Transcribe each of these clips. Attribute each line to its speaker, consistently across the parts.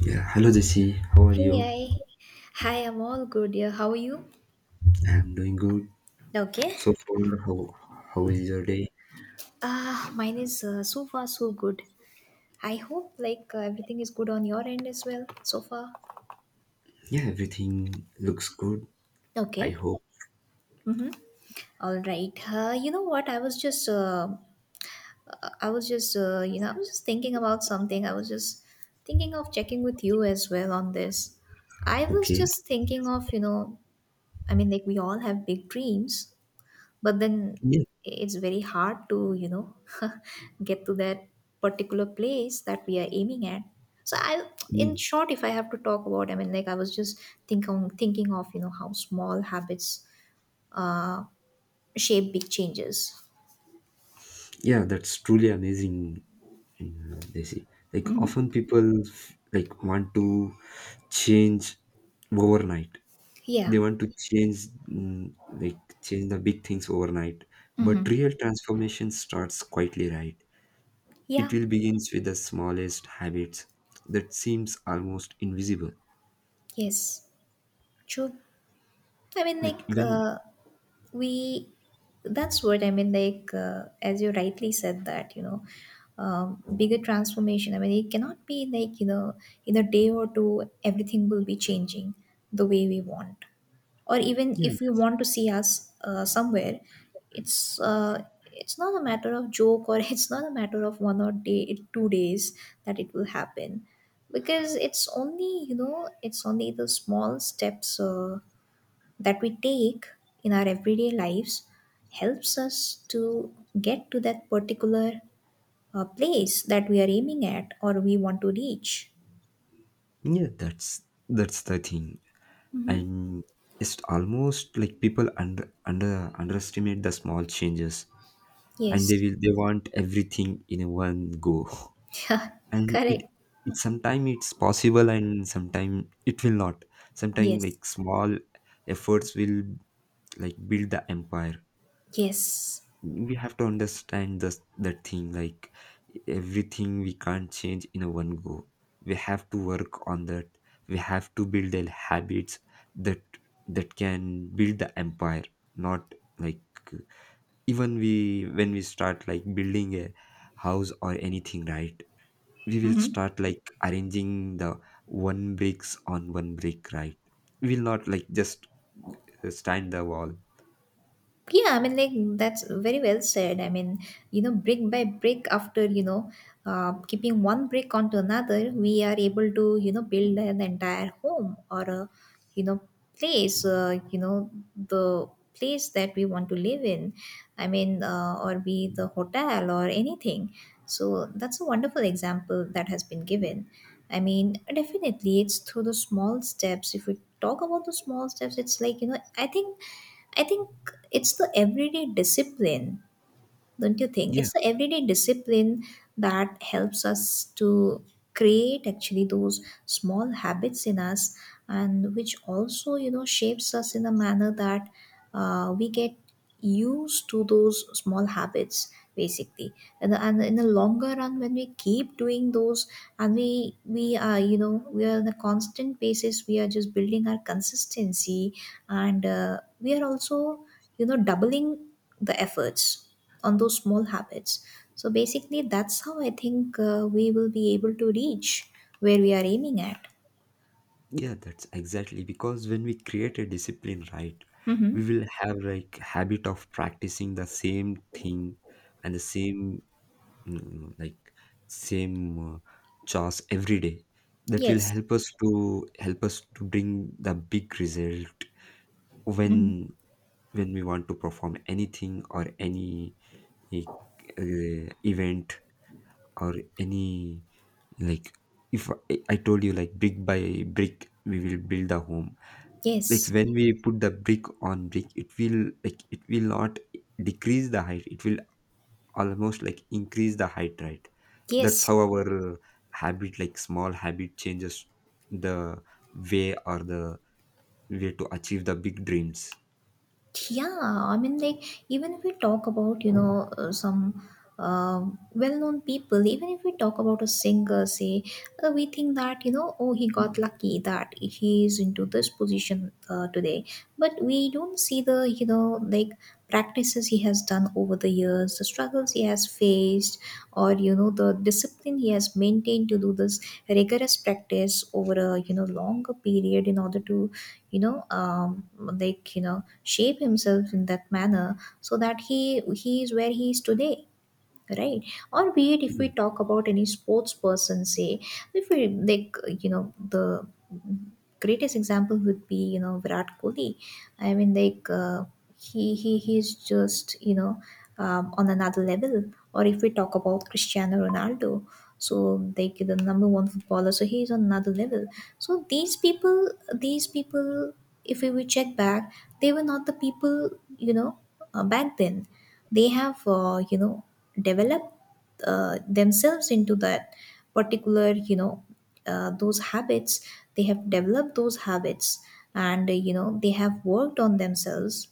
Speaker 1: Yeah, hello Jesse, how are
Speaker 2: Hey,
Speaker 1: you?
Speaker 2: I, hi, I'm all good. Yeah, how are you?
Speaker 1: I'm doing good.
Speaker 2: Okay.
Speaker 1: So far, how is your day?
Speaker 2: Mine is so far so good. I hope like everything is good on your end as well so far.
Speaker 1: Yeah, everything looks good. I
Speaker 2: Okay.
Speaker 1: hope.
Speaker 2: Mm-hmm. All right. You know what? I was just, I was just, I was just thinking about something. I was just thinking of checking with you as well on this. I was
Speaker 1: Okay.
Speaker 2: just thinking of, I mean, like we all have big dreams, but then
Speaker 1: Yeah,
Speaker 2: it's very hard to, you know, get to that particular place that we are aiming at. So I,
Speaker 1: yeah,
Speaker 2: in short, if I have to talk about, I mean, like I was just thinking of, you know, how small habits uh shape big changes.
Speaker 1: yeah, that's truly amazing, Jesse. Like
Speaker 2: Hmm.
Speaker 1: often people like want to change overnight.
Speaker 2: Yeah.
Speaker 1: They want to change like change the big things overnight. But
Speaker 2: Hmm.
Speaker 1: real transformation starts quietly, right? It
Speaker 2: Yeah.
Speaker 1: will begins with the smallest habits that seems almost invisible.
Speaker 2: Yes, true. I mean,
Speaker 1: Like
Speaker 2: like,
Speaker 1: when
Speaker 2: we that's what I mean, like, as you rightly said, that, you know, bigger transformation, I mean, it cannot be like, you know, in a day or two everything will be changing the way we want, or even
Speaker 1: yeah,
Speaker 2: if we want to see us somewhere. It's it's not a matter of joke, or it's not a matter of one or day 2 days that it will happen, because it's only, you know, it's only the small steps that we take in our everyday lives helps us to get to that particular place that we are aiming at or we want to reach.
Speaker 1: yeah, that's the thing. And it's almost like people under underestimate the small changes and
Speaker 2: Yes.
Speaker 1: they want everything in a one go.
Speaker 2: Yeah,
Speaker 1: And it
Speaker 2: correct.
Speaker 1: it sometimes it's possible and sometimes it will not. Sometimes
Speaker 2: Yes.
Speaker 1: like small efforts will like build the empire.
Speaker 2: Yes.
Speaker 1: We have to understand this that thing like everything we can't change in a one go. We have to work on that, we have to build the habits that that can build the empire, not like even we when we start like building a house or anything, right? We will
Speaker 2: Mm-hmm.
Speaker 1: start like arranging the one bricks on one brick, right? We will not like just stand the wall.
Speaker 2: Yeah, I mean, like, that's very well said. I mean, you know, brick by brick, after, you know, keeping one brick onto another, we are able to, you know, build an entire home or a, you know, place. The place that we want to live in. I mean, or be the hotel or anything. So that's a wonderful example that has been given. I mean, definitely, it's through the small steps. If we talk about the small steps, it's like, you know, I think it's the everyday discipline, don't you think? It's the everyday discipline that helps us to create actually those small habits in us, and which also, you know, shapes us in a manner that we get used to those small habits basically. And in the longer run, when we keep doing those, and we are, you know, we are on a constant basis, we are just building our consistency, and we are also, you know, doubling the efforts on those small habits. So basically that's how I think we will be able to reach where we are aiming at.
Speaker 1: Yeah, that's exactly. Because when we create a discipline, right,
Speaker 2: Hmm.
Speaker 1: we will have like habit of practicing the same thing and the same like same chores every day. That will
Speaker 2: Yes.
Speaker 1: help us to bring the big result
Speaker 2: Hmm.
Speaker 1: when we want to perform anything or any eh, event or any like if I told you, like brick by brick we will build a home. Like
Speaker 2: Yes.
Speaker 1: when we put the brick on brick, it will like it will not decrease the height, it will almost like increase the height, right? That's
Speaker 2: Yes.
Speaker 1: how our uh, habit, like small habit, changes the way or the way to achieve the big dreams.
Speaker 2: Yeah, I mean, like, even if we talk about, you know, some uh, well known people, even if we talk about a singer, say, we think that, you know, oh, he got lucky that he is into this position today. But we don't see the, you know, like, practices he has done over the years, the struggles he has faced, or, you know, the discipline he has maintained to do this rigorous practice over a, you know, longer period in order to, you know, like, you know, shape himself in that manner, so that he is where he is today, right? Or be it if we
Speaker 1: yeah,
Speaker 2: talk about any sports person, say, if we like you know, the greatest example would be, you know, Virat Kohli. I mean, like, he's just, you know, on another level. Or if we talk about Cristiano Ronaldo, so, like, the number one footballer, so he's on another level. So these people, if we check back, they were not the people, you know, back then. They have, you know, developed, themselves into that particular, you know, those habits, they have developed those habits, and, you know, they have worked on themselves,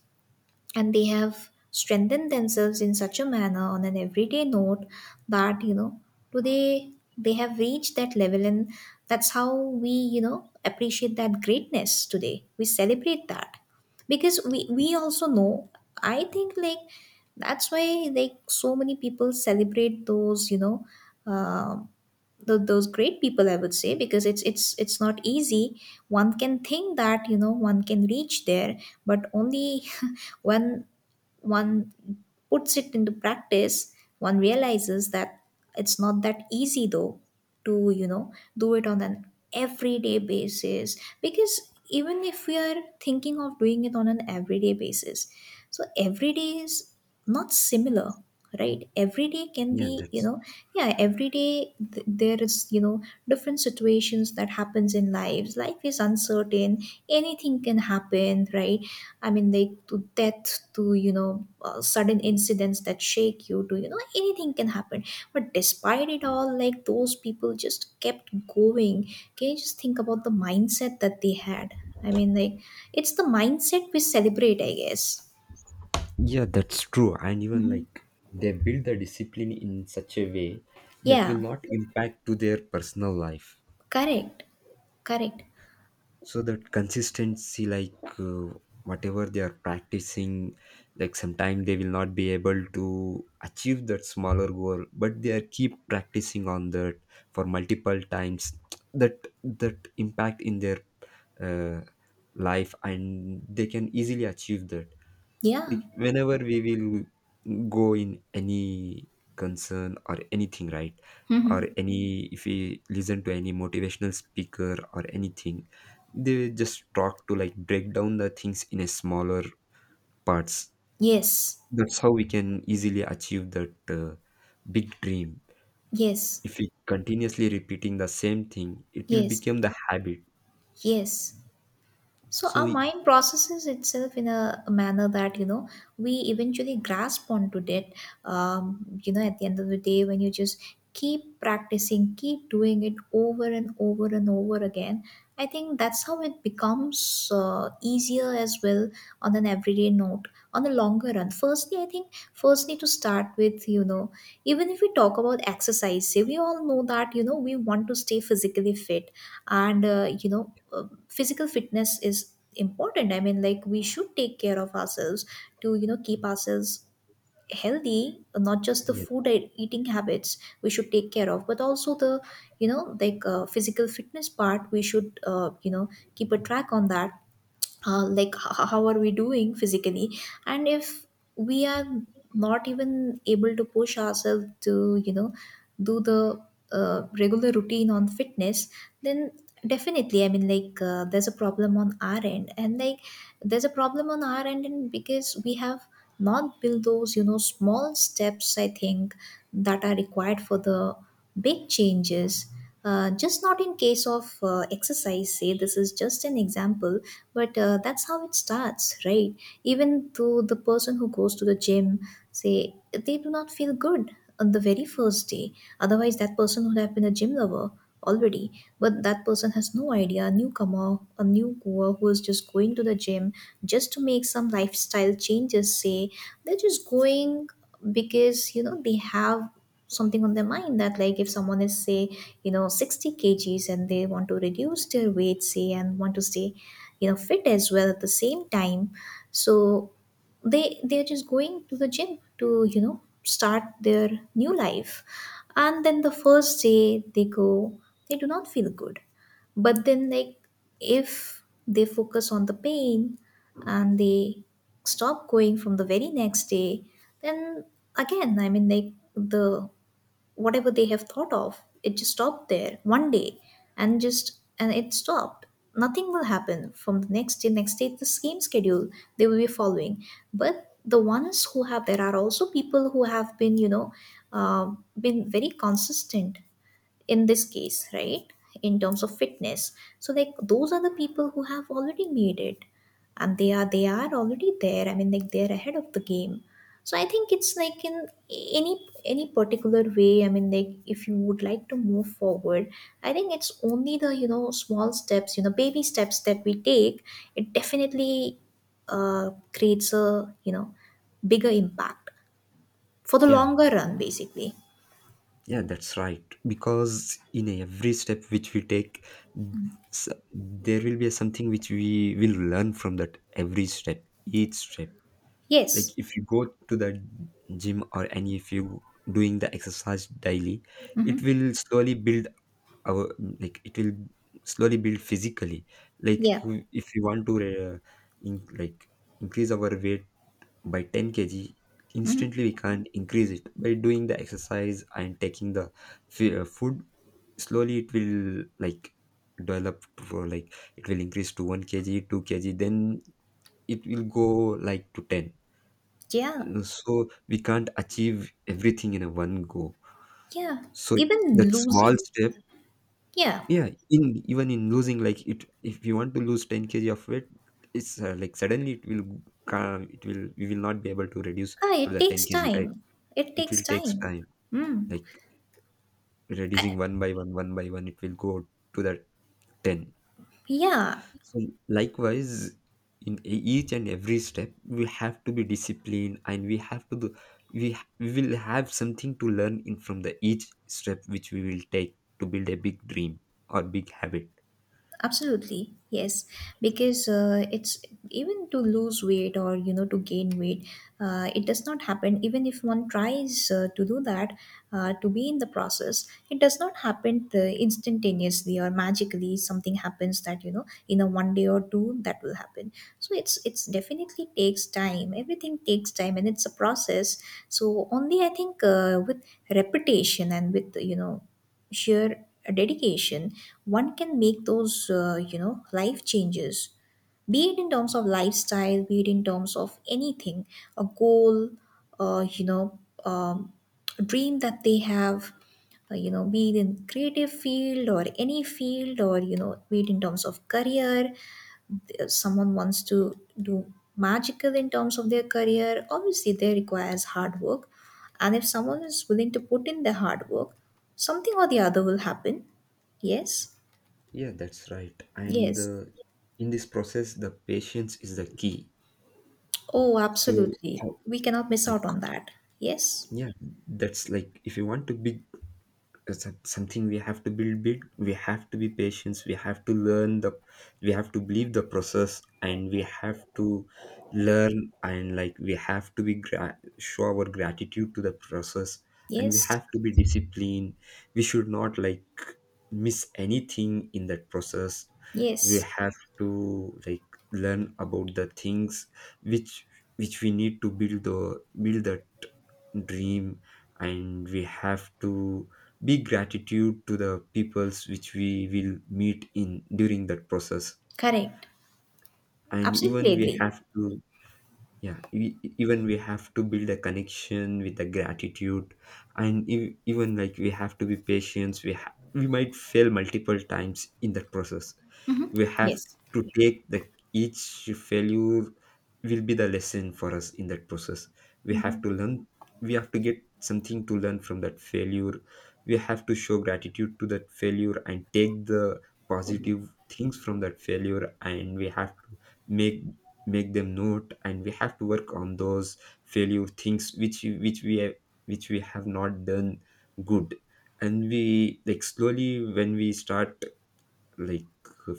Speaker 2: and they have strengthened themselves in such a manner on an everyday note, that, you know, today they have reached that level. And that's how we, you know, appreciate that greatness, today we celebrate that, because we also know. I think, like, that's why, like, so many people celebrate those, you know, um those great people, I would say, because it's not easy. One can think that, you know, one can reach there, but only one one puts it into practice, one realizes that it's not that easy, though, to, you know, do it on an everyday basis. Because even if we are thinking of doing it on an everyday basis, so every day is not similar, right? Every day can
Speaker 1: yeah
Speaker 2: be, you
Speaker 1: that's
Speaker 2: know, yeah, every day there is, you know, different situations that happens in lives. Life is uncertain. Anything can happen, right? I mean, like, to death, to, you know, sudden incidents that shake you, to, you know, anything can happen. But despite it all, like, those people just kept going. Can you just think about the mindset that they had? I mean, like, it's the mindset we celebrate, I guess.
Speaker 1: yeah, that's true. And even
Speaker 2: Hmm.
Speaker 1: like they build the discipline in such a way that
Speaker 2: Yeah,
Speaker 1: will not impact to their personal life.
Speaker 2: correct, correct.
Speaker 1: So that consistency, like uh, whatever they are practicing, like sometime they will not be able to achieve that smaller goal, but they are keep practicing on that for multiple times. That impact in their uh, life, and they can easily achieve that.
Speaker 2: Yeah.
Speaker 1: Like whenever we will go in any concern or anything, right,
Speaker 2: Hmm.
Speaker 1: or any if we listen to any motivational speaker or anything, they just talk to like break down the things in a smaller parts.
Speaker 2: Yes,
Speaker 1: That's how we can easily achieve that uh, big dream.
Speaker 2: yes,
Speaker 1: If we continuously repeating the same thing, it will
Speaker 2: yes,
Speaker 1: become the habit.
Speaker 2: yes. So
Speaker 1: so
Speaker 2: our
Speaker 1: we,
Speaker 2: mind processes itself in a manner that, you know, we eventually grasp onto it. You know, at the end of the day, when you just keep practicing, keep doing it over and over and over again, I think that's how it becomes easier as well on an everyday note, on the longer run. Firstly, I think firstly to start with, you know, even if we talk about exercise, say, we all know that, you know, we want to stay physically fit, and physical fitness is important. I mean, like, we should take care of ourselves to, you know, keep ourselves healthy. Not just the
Speaker 1: yeah
Speaker 2: food and eating habits we should take care of, but also the, you know, like, physical fitness part we should, you know, keep a track on that. How are we doing physically? And if we are not even able to push ourselves to, you know, do the regular routine on fitness, then definitely, I mean, like, there's a problem on our end and like there's a problem on our end and because we have not built those, you know, small steps, I think, that are required for the big changes. Just not in case of exercise, say, this is just an example, but that's how it starts, right? Even though the person who goes to the gym, say, they do not feel good on the very first day. Otherwise that person would have been a gym lover already. But that person has no idea, a newcomer, a new goer who is just going to the gym just to make some lifestyle changes, say, they're just going because, you know, they have something on their mind, that, like, if someone is, say, you know, 60 kgs and they want to reduce their weight, say, and want to stay, you know, fit as well at the same time, so they, they're just going to the gym to, you know, start their new life. And then the first day they go, they do not feel good. But then, like, if they focus on the pain and they stop going from the very next day, then again, I mean, like, the whatever they have thought of, it just stopped there one day, and just and it stopped. Nothing will happen. From the next day, next day, the same schedule they will be following. But the ones who have, there are also people who have been, you know, uh, been very consistent in this case, right, in terms of fitness. So, like, those are the people who have already made it, and they are already there. I mean, like, they're ahead of the game. So I think it's like, in any any particular way, I mean, like, if you would like to move forward, I think it's only the, you know, small steps, you know, baby steps that we take, it definitely creates a, you know, bigger impact for the
Speaker 1: yeah.
Speaker 2: longer run basically.
Speaker 1: Yeah, that's right. Because in every step which we take, there will be something which we will learn from that every step, each step. Like
Speaker 2: Yes.
Speaker 1: if you go to the gym or any, if you doing the exercise daily, it
Speaker 2: Mm-hmm.
Speaker 1: will slowly build our, like it will slowly build physically. Like
Speaker 2: Yeah.
Speaker 1: if you want to uh, like increase our weight by 10 kg
Speaker 2: Mm-hmm.
Speaker 1: instantly, we can't increase it by doing the exercise and taking the food. Slowly it will like develop, for like it will increase to 1 kg, 2 kg, then it will go like to 10.
Speaker 2: Yeah,
Speaker 1: So we can't achieve everything in a one go.
Speaker 2: yeah.
Speaker 1: So
Speaker 2: Even
Speaker 1: that small
Speaker 2: losing,
Speaker 1: step,
Speaker 2: yeah.
Speaker 1: yeah. In even in losing, like it, if you want to lose 10 kg of weight, it's like suddenly it will come, it will, we will not be able to reduce
Speaker 2: Ah,
Speaker 1: to
Speaker 2: it
Speaker 1: the 10
Speaker 2: takes
Speaker 1: kg right?
Speaker 2: time. It
Speaker 1: It
Speaker 2: takes
Speaker 1: will takes
Speaker 2: time.
Speaker 1: time.
Speaker 2: Mm.
Speaker 1: Like
Speaker 2: I,
Speaker 1: reducing one by one, one by one, it will go to the 10.
Speaker 2: yeah,
Speaker 1: So likewise in each and every step we have to be disciplined, and we have to do, we will have something to learn in from the each step which we will take to build a big dream or big habit.
Speaker 2: absolutely yes because it's even to lose weight or you know to gain weight, it does not happen even if one tries to do that. To be in the process, it does not happen instantaneously or magically, something happens that you know in a one day or two that will happen. So it's definitely takes time, everything takes time and it's a process. So only I think with repetition and with you know sheer dedication, one can make those, you know, life changes. Be it in terms of lifestyle, be it in terms of anything, a goal, uh, you know, um, a dream that they have, you know, be it in creative field or any field, or you know, be it in terms of career, someone wants to do magical in terms of their career, obviously they requires hard work. And if someone is willing to put in the hard work, something or the other will happen. Yes.
Speaker 1: Yeah that's right and
Speaker 2: Yes.
Speaker 1: the, In this process the patience is the key.
Speaker 2: Oh
Speaker 1: so
Speaker 2: absolutely,
Speaker 1: how,
Speaker 2: we cannot miss out
Speaker 1: like,
Speaker 2: on that. Yes,
Speaker 1: yeah, that's like if you want to be, it's something we have to build big, we have to be patient, we have to learn the, we have to believe the process, and we have to learn, and like we have to be show our gratitude to the process, and we
Speaker 2: yes,
Speaker 1: have to be disciplined. We should not like miss anything in that process. We
Speaker 2: yes.
Speaker 1: have to like learn about the things which we need to build that dream, and we have to be gratitude to the peoples which we will meet in during that process,
Speaker 2: Correct.
Speaker 1: and even
Speaker 2: Absolutely
Speaker 1: we
Speaker 2: agree.
Speaker 1: have to, yeah, even we have to build a connection with the gratitude, and even like we have to be patient. We might fail multiple times in that process. We have
Speaker 2: Yes.
Speaker 1: to take the, each failure will be the lesson for us in that process. We have to learn, we have to get something to learn from that failure. We have to show gratitude to that failure and take the positive things from that failure, and we have to make make them note, and we have to work on those failure things which we have, which we have not done good. And we like slowly, when we start like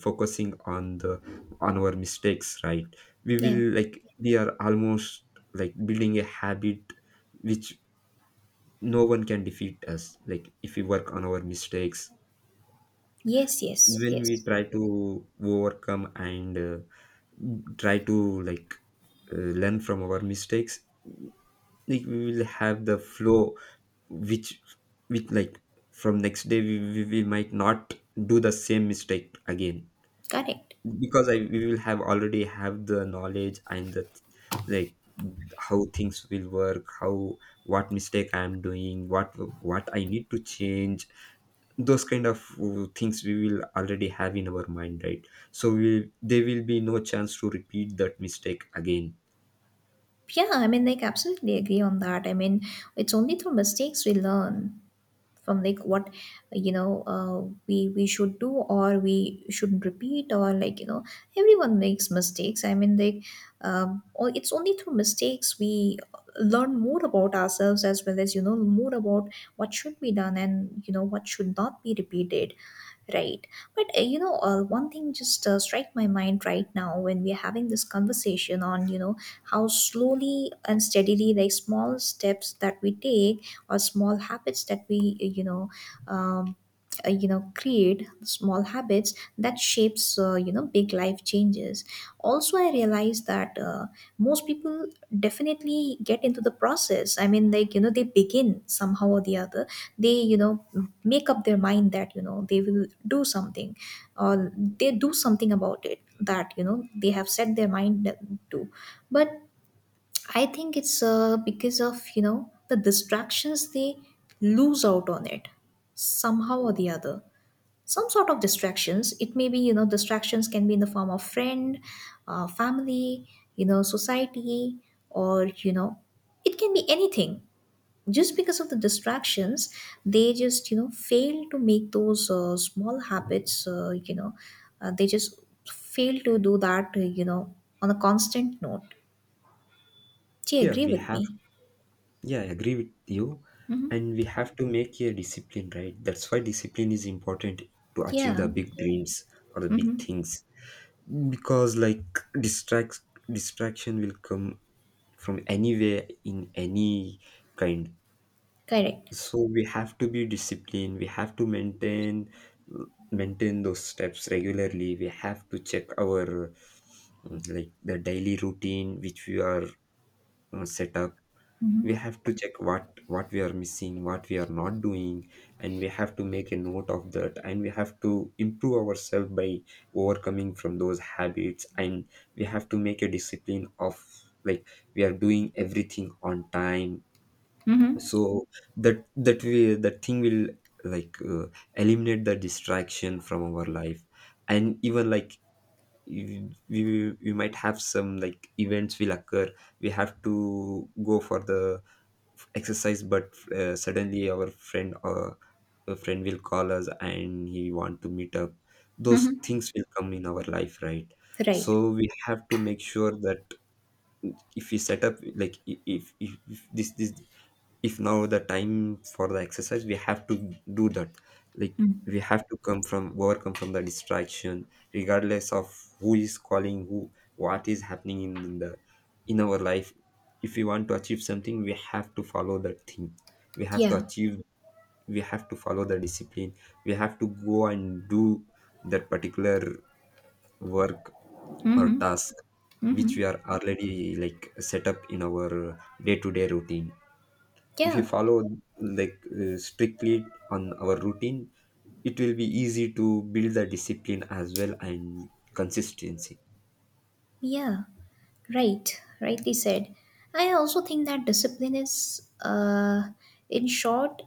Speaker 1: focusing on the on our mistakes, right, we
Speaker 2: Yeah.
Speaker 1: will like we are almost like building a habit which no one can defeat us, like if we work on our mistakes.
Speaker 2: Yes, yes,
Speaker 1: When we
Speaker 2: yes.
Speaker 1: try to overcome and try to like learn from our mistakes, like we will have the flow which like from next day we might not do the same mistake again,
Speaker 2: Correct.
Speaker 1: because I we will have already have the knowledge and the like how things will work, how what mistake I am doing, what I need to change. Those kind of things we will already have in our mind, right? So we, there will be no chance to repeat that mistake again.
Speaker 2: Yeah, I mean like absolutely agree on that. I mean, it's only through mistakes we learn from, like what you know uh, we should do, or we shouldn't repeat, or like you know, everyone makes mistakes. I mean, like, it's only through mistakes we learn more about ourselves as well as you know more about what should be done and you know what should not be repeated, right? But you know, one thing just strike my mind right now when we're having this conversation on you know how slowly and steadily like small steps that we take or small habits that we um, you know create small habits that shapes you know big life changes. Also I realized that most people definitely get into the process. I mean, like, you know, they begin somehow or the other. They you know make up their mind that you know they will do something, or they do something about it that you know they have set their mind to, but I think it's because of you know the distractions, they lose out on it somehow or the other. Some sort of distractions. It may be you know distractions can be in the form of friend, family, you know society, or you know it can be anything. Just because of the distractions, they just you know fail to make those small habits. You know, they just fail to do that. You know, on a constant note. Do you
Speaker 1: Yeah
Speaker 2: agree
Speaker 1: we
Speaker 2: with
Speaker 1: have
Speaker 2: me?
Speaker 1: Yeah, I agree with you. And we have to make a discipline, right? That's why discipline is important to achieve
Speaker 2: Yeah.
Speaker 1: the big dreams or the big
Speaker 2: Mm-hmm.
Speaker 1: things. Because like distract distraction will come from anywhere in any kind.
Speaker 2: Correct.
Speaker 1: So we have to be disciplined. We have to maintain those steps regularly. We have to check our like the daily routine which we are set up. We have to check what we are missing, what we are not doing, and we have to make a note of that, and we have to improve ourselves by overcoming from those habits, and we have to make a discipline of like we are doing everything on time.
Speaker 2: Mm-hmm.
Speaker 1: So that that we that thing will like eliminate the distraction from our life. And even like, we might have some, like events will occur, we have to go for the exercise, but suddenly our friend a friend will call us and he want to meet up. Those
Speaker 2: Mm-hmm.
Speaker 1: things will come in our life, right?
Speaker 2: Right.
Speaker 1: So we have to make sure that if we set up like if this if now the time for the exercise, we have to do that. Like we have to come from overcome from the distraction regardless of who is calling who, what is happening in the in our life. If we want to achieve something, we have to follow that thing, we have to
Speaker 2: Yeah.
Speaker 1: achieve, we have to follow the discipline. We have to go and do that particular work or
Speaker 2: Mm-hmm.
Speaker 1: task which
Speaker 2: Mm-hmm.
Speaker 1: we are already like set up in our day-to-day routine. If you
Speaker 2: Yeah.
Speaker 1: follow like strictly on our routine, it will be easy to build the discipline as well and consistency.
Speaker 2: Yeah. Right. Rightly said. I also think that discipline is, in short,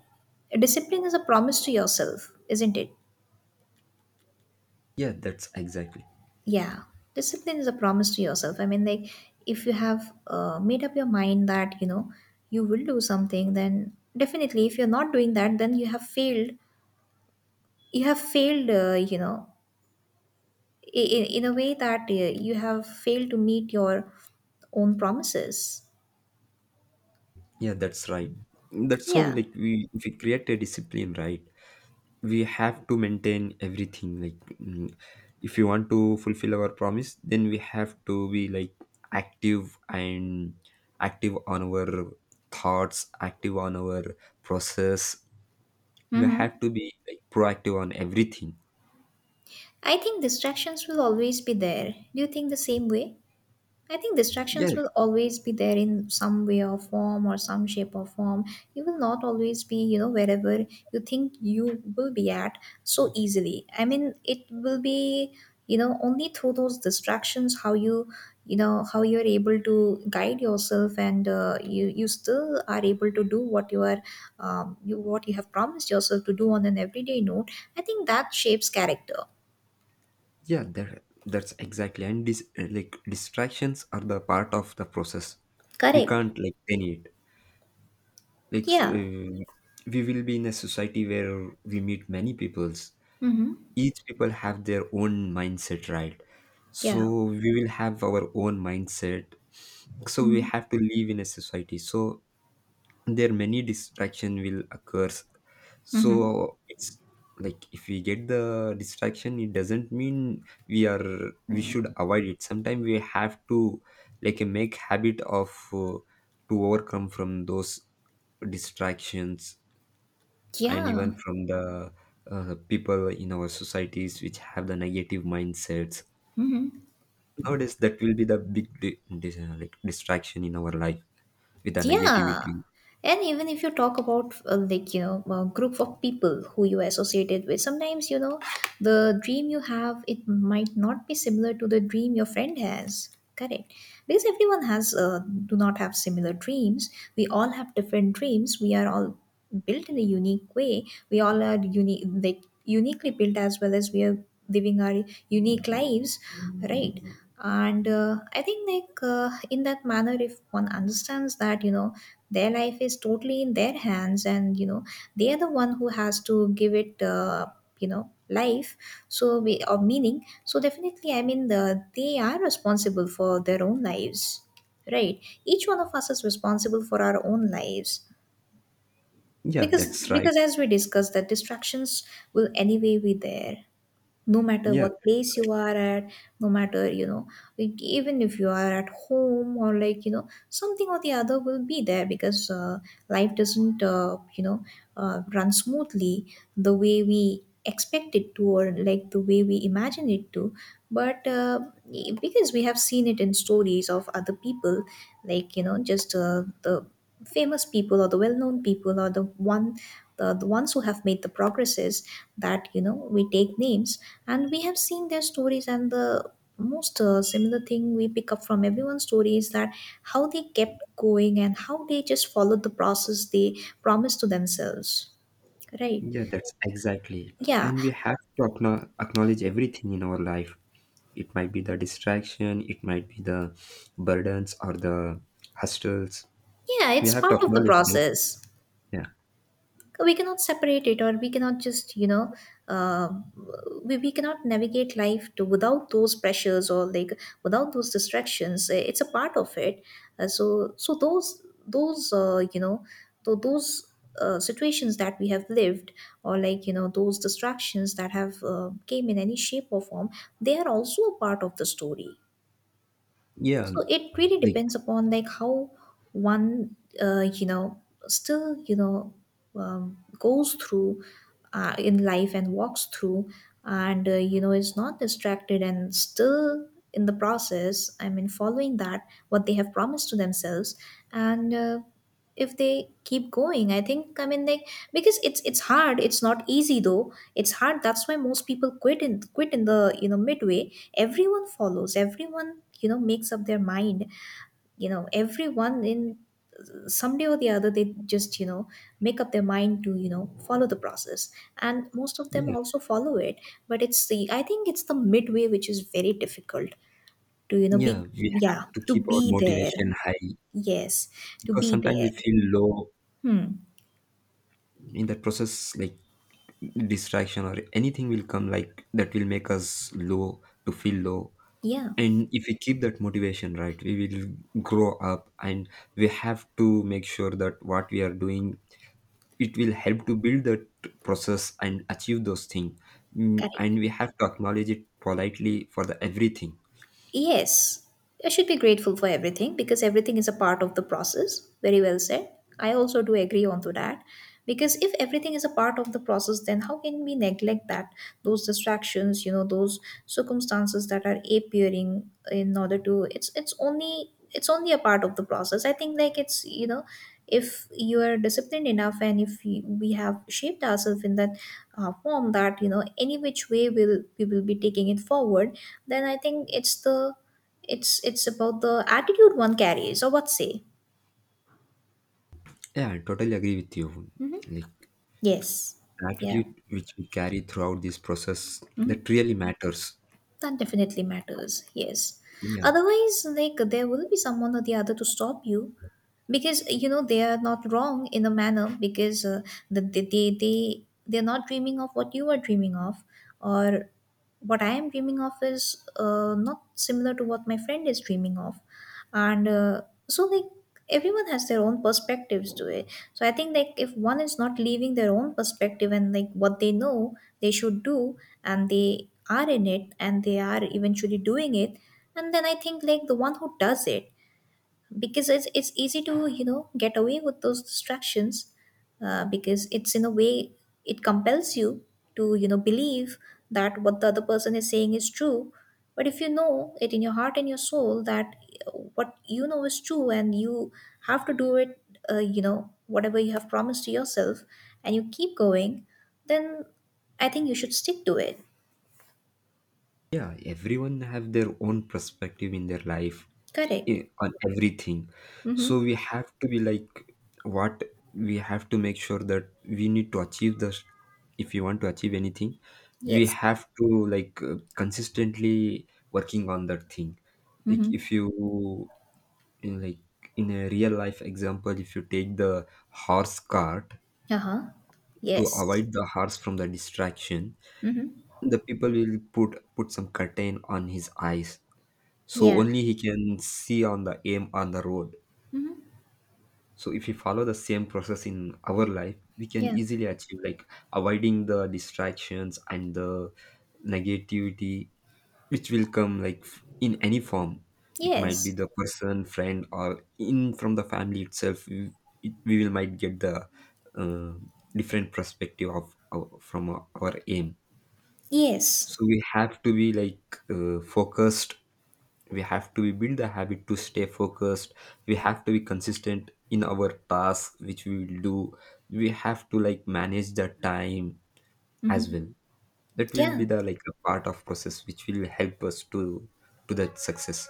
Speaker 2: discipline is a promise to yourself, isn't it?
Speaker 1: yeah that's exactly
Speaker 2: Yeah. Discipline is a promise to yourself. I mean, like, if you have made up your mind that, you know, you will do something, then definitely if you're not doing that, then you have failed. You have failed, you know, in a way that you have failed to meet your own promises.
Speaker 1: yeah, that's right. That's how
Speaker 2: Yeah.
Speaker 1: like we, if we create a discipline, right, we have to maintain everything like, if you want to fulfill our promise, then we have to be like active, and active on our thoughts, active on our process. We
Speaker 2: Mm-hmm.
Speaker 1: have to be like proactive on everything.
Speaker 2: I think distractions will always be there. Do you think the same way? I think
Speaker 1: yeah
Speaker 2: distractions will always be there in some way or form, or some shape or form. You will not always be, you know, wherever you think you will be at so easily. I mean, it will be, you know, only through those distractions how you, you know, how you're able to guide yourself and you, you still are able to do what you are, you, what you have promised yourself to do on an everyday note. I think that shapes character.
Speaker 1: yeah, that's exactly. And like distractions are the part of the process. We
Speaker 2: Correct.
Speaker 1: can't like deny it. Like
Speaker 2: Yeah.
Speaker 1: we will be in a society where we meet many peoples.
Speaker 2: Mm-hmm.
Speaker 1: Each people have their own mindset, right? So
Speaker 2: Yeah.
Speaker 1: we will have our own mindset. So we
Speaker 2: Mm-hmm.
Speaker 1: have to live in a society, so there many distraction will occurs. So
Speaker 2: Mm-hmm.
Speaker 1: it's like if we get the distraction, it doesn't mean we are we should avoid it. Sometimes we have to like make habit of to overcome from those distractions, and
Speaker 2: Yeah.
Speaker 1: even from the people in our societies which have the negative mindsets
Speaker 2: Hmm.
Speaker 1: nowadays. That will be the big like distraction in our life with the
Speaker 2: Yeah.
Speaker 1: negativity.
Speaker 2: And even if you talk about like you know a group of people who you associated with, sometimes you know the dream you have it might not be similar to the dream your friend has. Correct, because everyone has do not have similar dreams. We all have different dreams. We are all built in a unique way. We all are unique, like uniquely built, as well as we are living our unique lives, right? And I think like in that manner, if one understands that you know their life is totally in their hands and you know they are the one who has to give it you know life. So we or meaning, so definitely I mean they are responsible for their own lives, right? Each one of us is responsible for our own lives.
Speaker 1: yeah
Speaker 2: because
Speaker 1: that's right
Speaker 2: because as we discussed that distractions will anyway be there no matter
Speaker 1: yeah
Speaker 2: what place you are at, no matter you know, like even if you are at home or like you know something or the other will be there because life doesn't you know run smoothly the way we expect it to or like the way we imagine it to. But because we have seen it in stories of other people, like you know just the famous people or the well-known people or the one, the ones who have made the progresses that you know we take names, and we have seen their stories, and the most similar thing we pick up from everyone's story is that how they kept going and how they just followed the process they promised to themselves, right?
Speaker 1: Yeah, that's exactly.
Speaker 2: Yeah.
Speaker 1: And we have to acknowledge everything in our life. It might be the distraction, it might be the burdens or the hustles.
Speaker 2: Yeah,
Speaker 1: We
Speaker 2: it's
Speaker 1: have to
Speaker 2: part of the
Speaker 1: acknowledge them.
Speaker 2: process.
Speaker 1: Yeah.
Speaker 2: We cannot separate it or we cannot just you know uh, we cannot navigate life to without those pressures or like without those distractions. It's a part of it. So, so those you know those situations that we have lived or like you know those distractions that have came in any shape or form, they are also a part of the story.
Speaker 1: Yeah.
Speaker 2: So it really
Speaker 1: Like,
Speaker 2: depends upon like how one you know still you know goes through in life and walks through and you know is not distracted and still in the process, I mean following that what they have promised to themselves. And if they keep going, I think, I mean like, because it's hard, it's not easy though, it's hard, that's why most people quit in, quit in the you know midway. Everyone follows, everyone you know makes up their mind, you know everyone in someday or the other they just you know make up their mind to you know follow the process, and most of them
Speaker 1: yeah.
Speaker 2: also follow it. But it's the I think it's the midway which is very difficult to you know be.
Speaker 1: Yeah. We
Speaker 2: Yeah,
Speaker 1: have to
Speaker 2: to
Speaker 1: keep our
Speaker 2: be there.
Speaker 1: motivation high,
Speaker 2: Yes, to
Speaker 1: because
Speaker 2: be
Speaker 1: sometimes we
Speaker 2: there.
Speaker 1: feel low
Speaker 2: Hmm.
Speaker 1: in that process, like distraction or anything will come, like that will make us low to feel low.
Speaker 2: Yeah.
Speaker 1: And if we keep that motivation, right, we will grow up, and we have to make sure that what we are doing, it will help to build that process and achieve those things.
Speaker 2: Correct.
Speaker 1: And we have to acknowledge it politely for the everything.
Speaker 2: Yes, I should be grateful for everything because everything is a part of the process. Very well said. I also do agree on to that, because if everything is a part of the process, then how can we neglect that those distractions, you know, those circumstances that are appearing in order to, it's only a part of the process. I think like, it's you know if you are disciplined enough, and if we have shaped ourselves in that form that you know any which way will we will be taking it forward, then I think it's the it's about the attitude one carries, or what say.
Speaker 1: Yeah, I totally agree with you. Like
Speaker 2: Yes.
Speaker 1: the
Speaker 2: Yeah.
Speaker 1: attitude which we carry throughout this process,
Speaker 2: Mhm.
Speaker 1: that really matters.
Speaker 2: That definitely matters, yes.
Speaker 1: Yeah.
Speaker 2: Otherwise, like there will be someone or the other to stop you because you know they are not wrong in a manner, because they're not dreaming of what you are dreaming of, or what I am dreaming of is not similar to what my friend is dreaming of. And so, like, everyone has their own perspectives to it. So, I think, like, if one is not leaving their own perspective and, like, what they know they should do, and they are in it and they are eventually doing it, and then I think, like, the one who does it, because it's easy to you know get away with those distractions. Because it's in a way, it compels you to you know believe that what the other person is saying is true. But if you know it in your heart and your soul that uh, what you know is true and you have to do it, you know whatever you have promised to yourself, and you keep going, then I think you should stick to it.
Speaker 1: Yeah, everyone have their own perspective in their life
Speaker 2: Correct.
Speaker 1: on everything.
Speaker 2: Mm-hmm.
Speaker 1: So we have to be like what we have to make sure that we need to achieve this. If you want to achieve anything, we
Speaker 2: Yes.
Speaker 1: have to like consistently working on that thing. Like
Speaker 2: Mm-hmm.
Speaker 1: if you in like in a real life example, if you take the horse cart
Speaker 2: Uh-huh.
Speaker 1: to
Speaker 2: Yes.
Speaker 1: avoid the horse from the distraction,
Speaker 2: Mm-hmm.
Speaker 1: the people will put some curtain on his eyes, so
Speaker 2: Yeah.
Speaker 1: only he can see on the aim on the road.
Speaker 2: Mm-hmm.
Speaker 1: So if we follow the same process in our life, we can
Speaker 2: Yeah.
Speaker 1: easily achieve like avoiding the distractions and the negativity which will come like in any form. It might be
Speaker 2: Yes.
Speaker 1: the person, friend, or in from the family itself. We will might get the uh, different perspective of from our aim.
Speaker 2: Yes.
Speaker 1: So we have to be like focused. We have to build the habit to stay focused. We have to be consistent in our task which we will do. We have to like manage the time as well. That will be
Speaker 2: Yeah.
Speaker 1: the like a part of process which will help us to that success.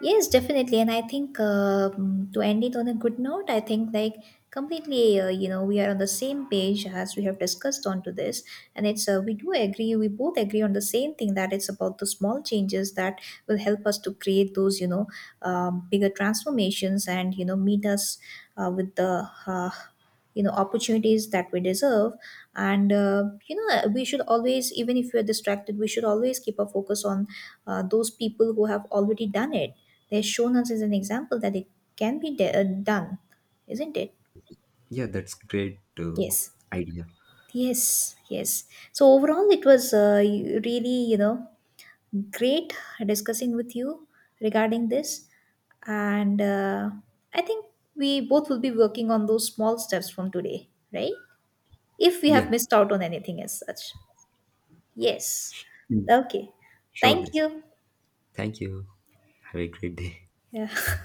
Speaker 2: Yes, definitely. And I think to end it on a good note, I think like completely, you know, we are on the same page as we have discussed onto this, and it's we do agree, we both agree on the same thing, that it's about the small changes that will help us to create those, you know, bigger transformations and you know meet us with the you know opportunities that we deserve. And you know we should always, even if we are distracted, we should always keep our focus on those people who have already done it. They've shown us as an example that it can be done, isn't it?
Speaker 1: Yeah that's great
Speaker 2: Yes.
Speaker 1: Idea.
Speaker 2: Yes, yes. So overall it was really you know great discussing with you regarding this. And I think we both will be working on those small steps from today, right, if we
Speaker 1: yeah
Speaker 2: have missed out on anything as such. Yes.
Speaker 1: Mm.
Speaker 2: Okay.
Speaker 1: Sure,
Speaker 2: Thank
Speaker 1: this,
Speaker 2: you.
Speaker 1: thank you, have a great day.
Speaker 2: Yeah.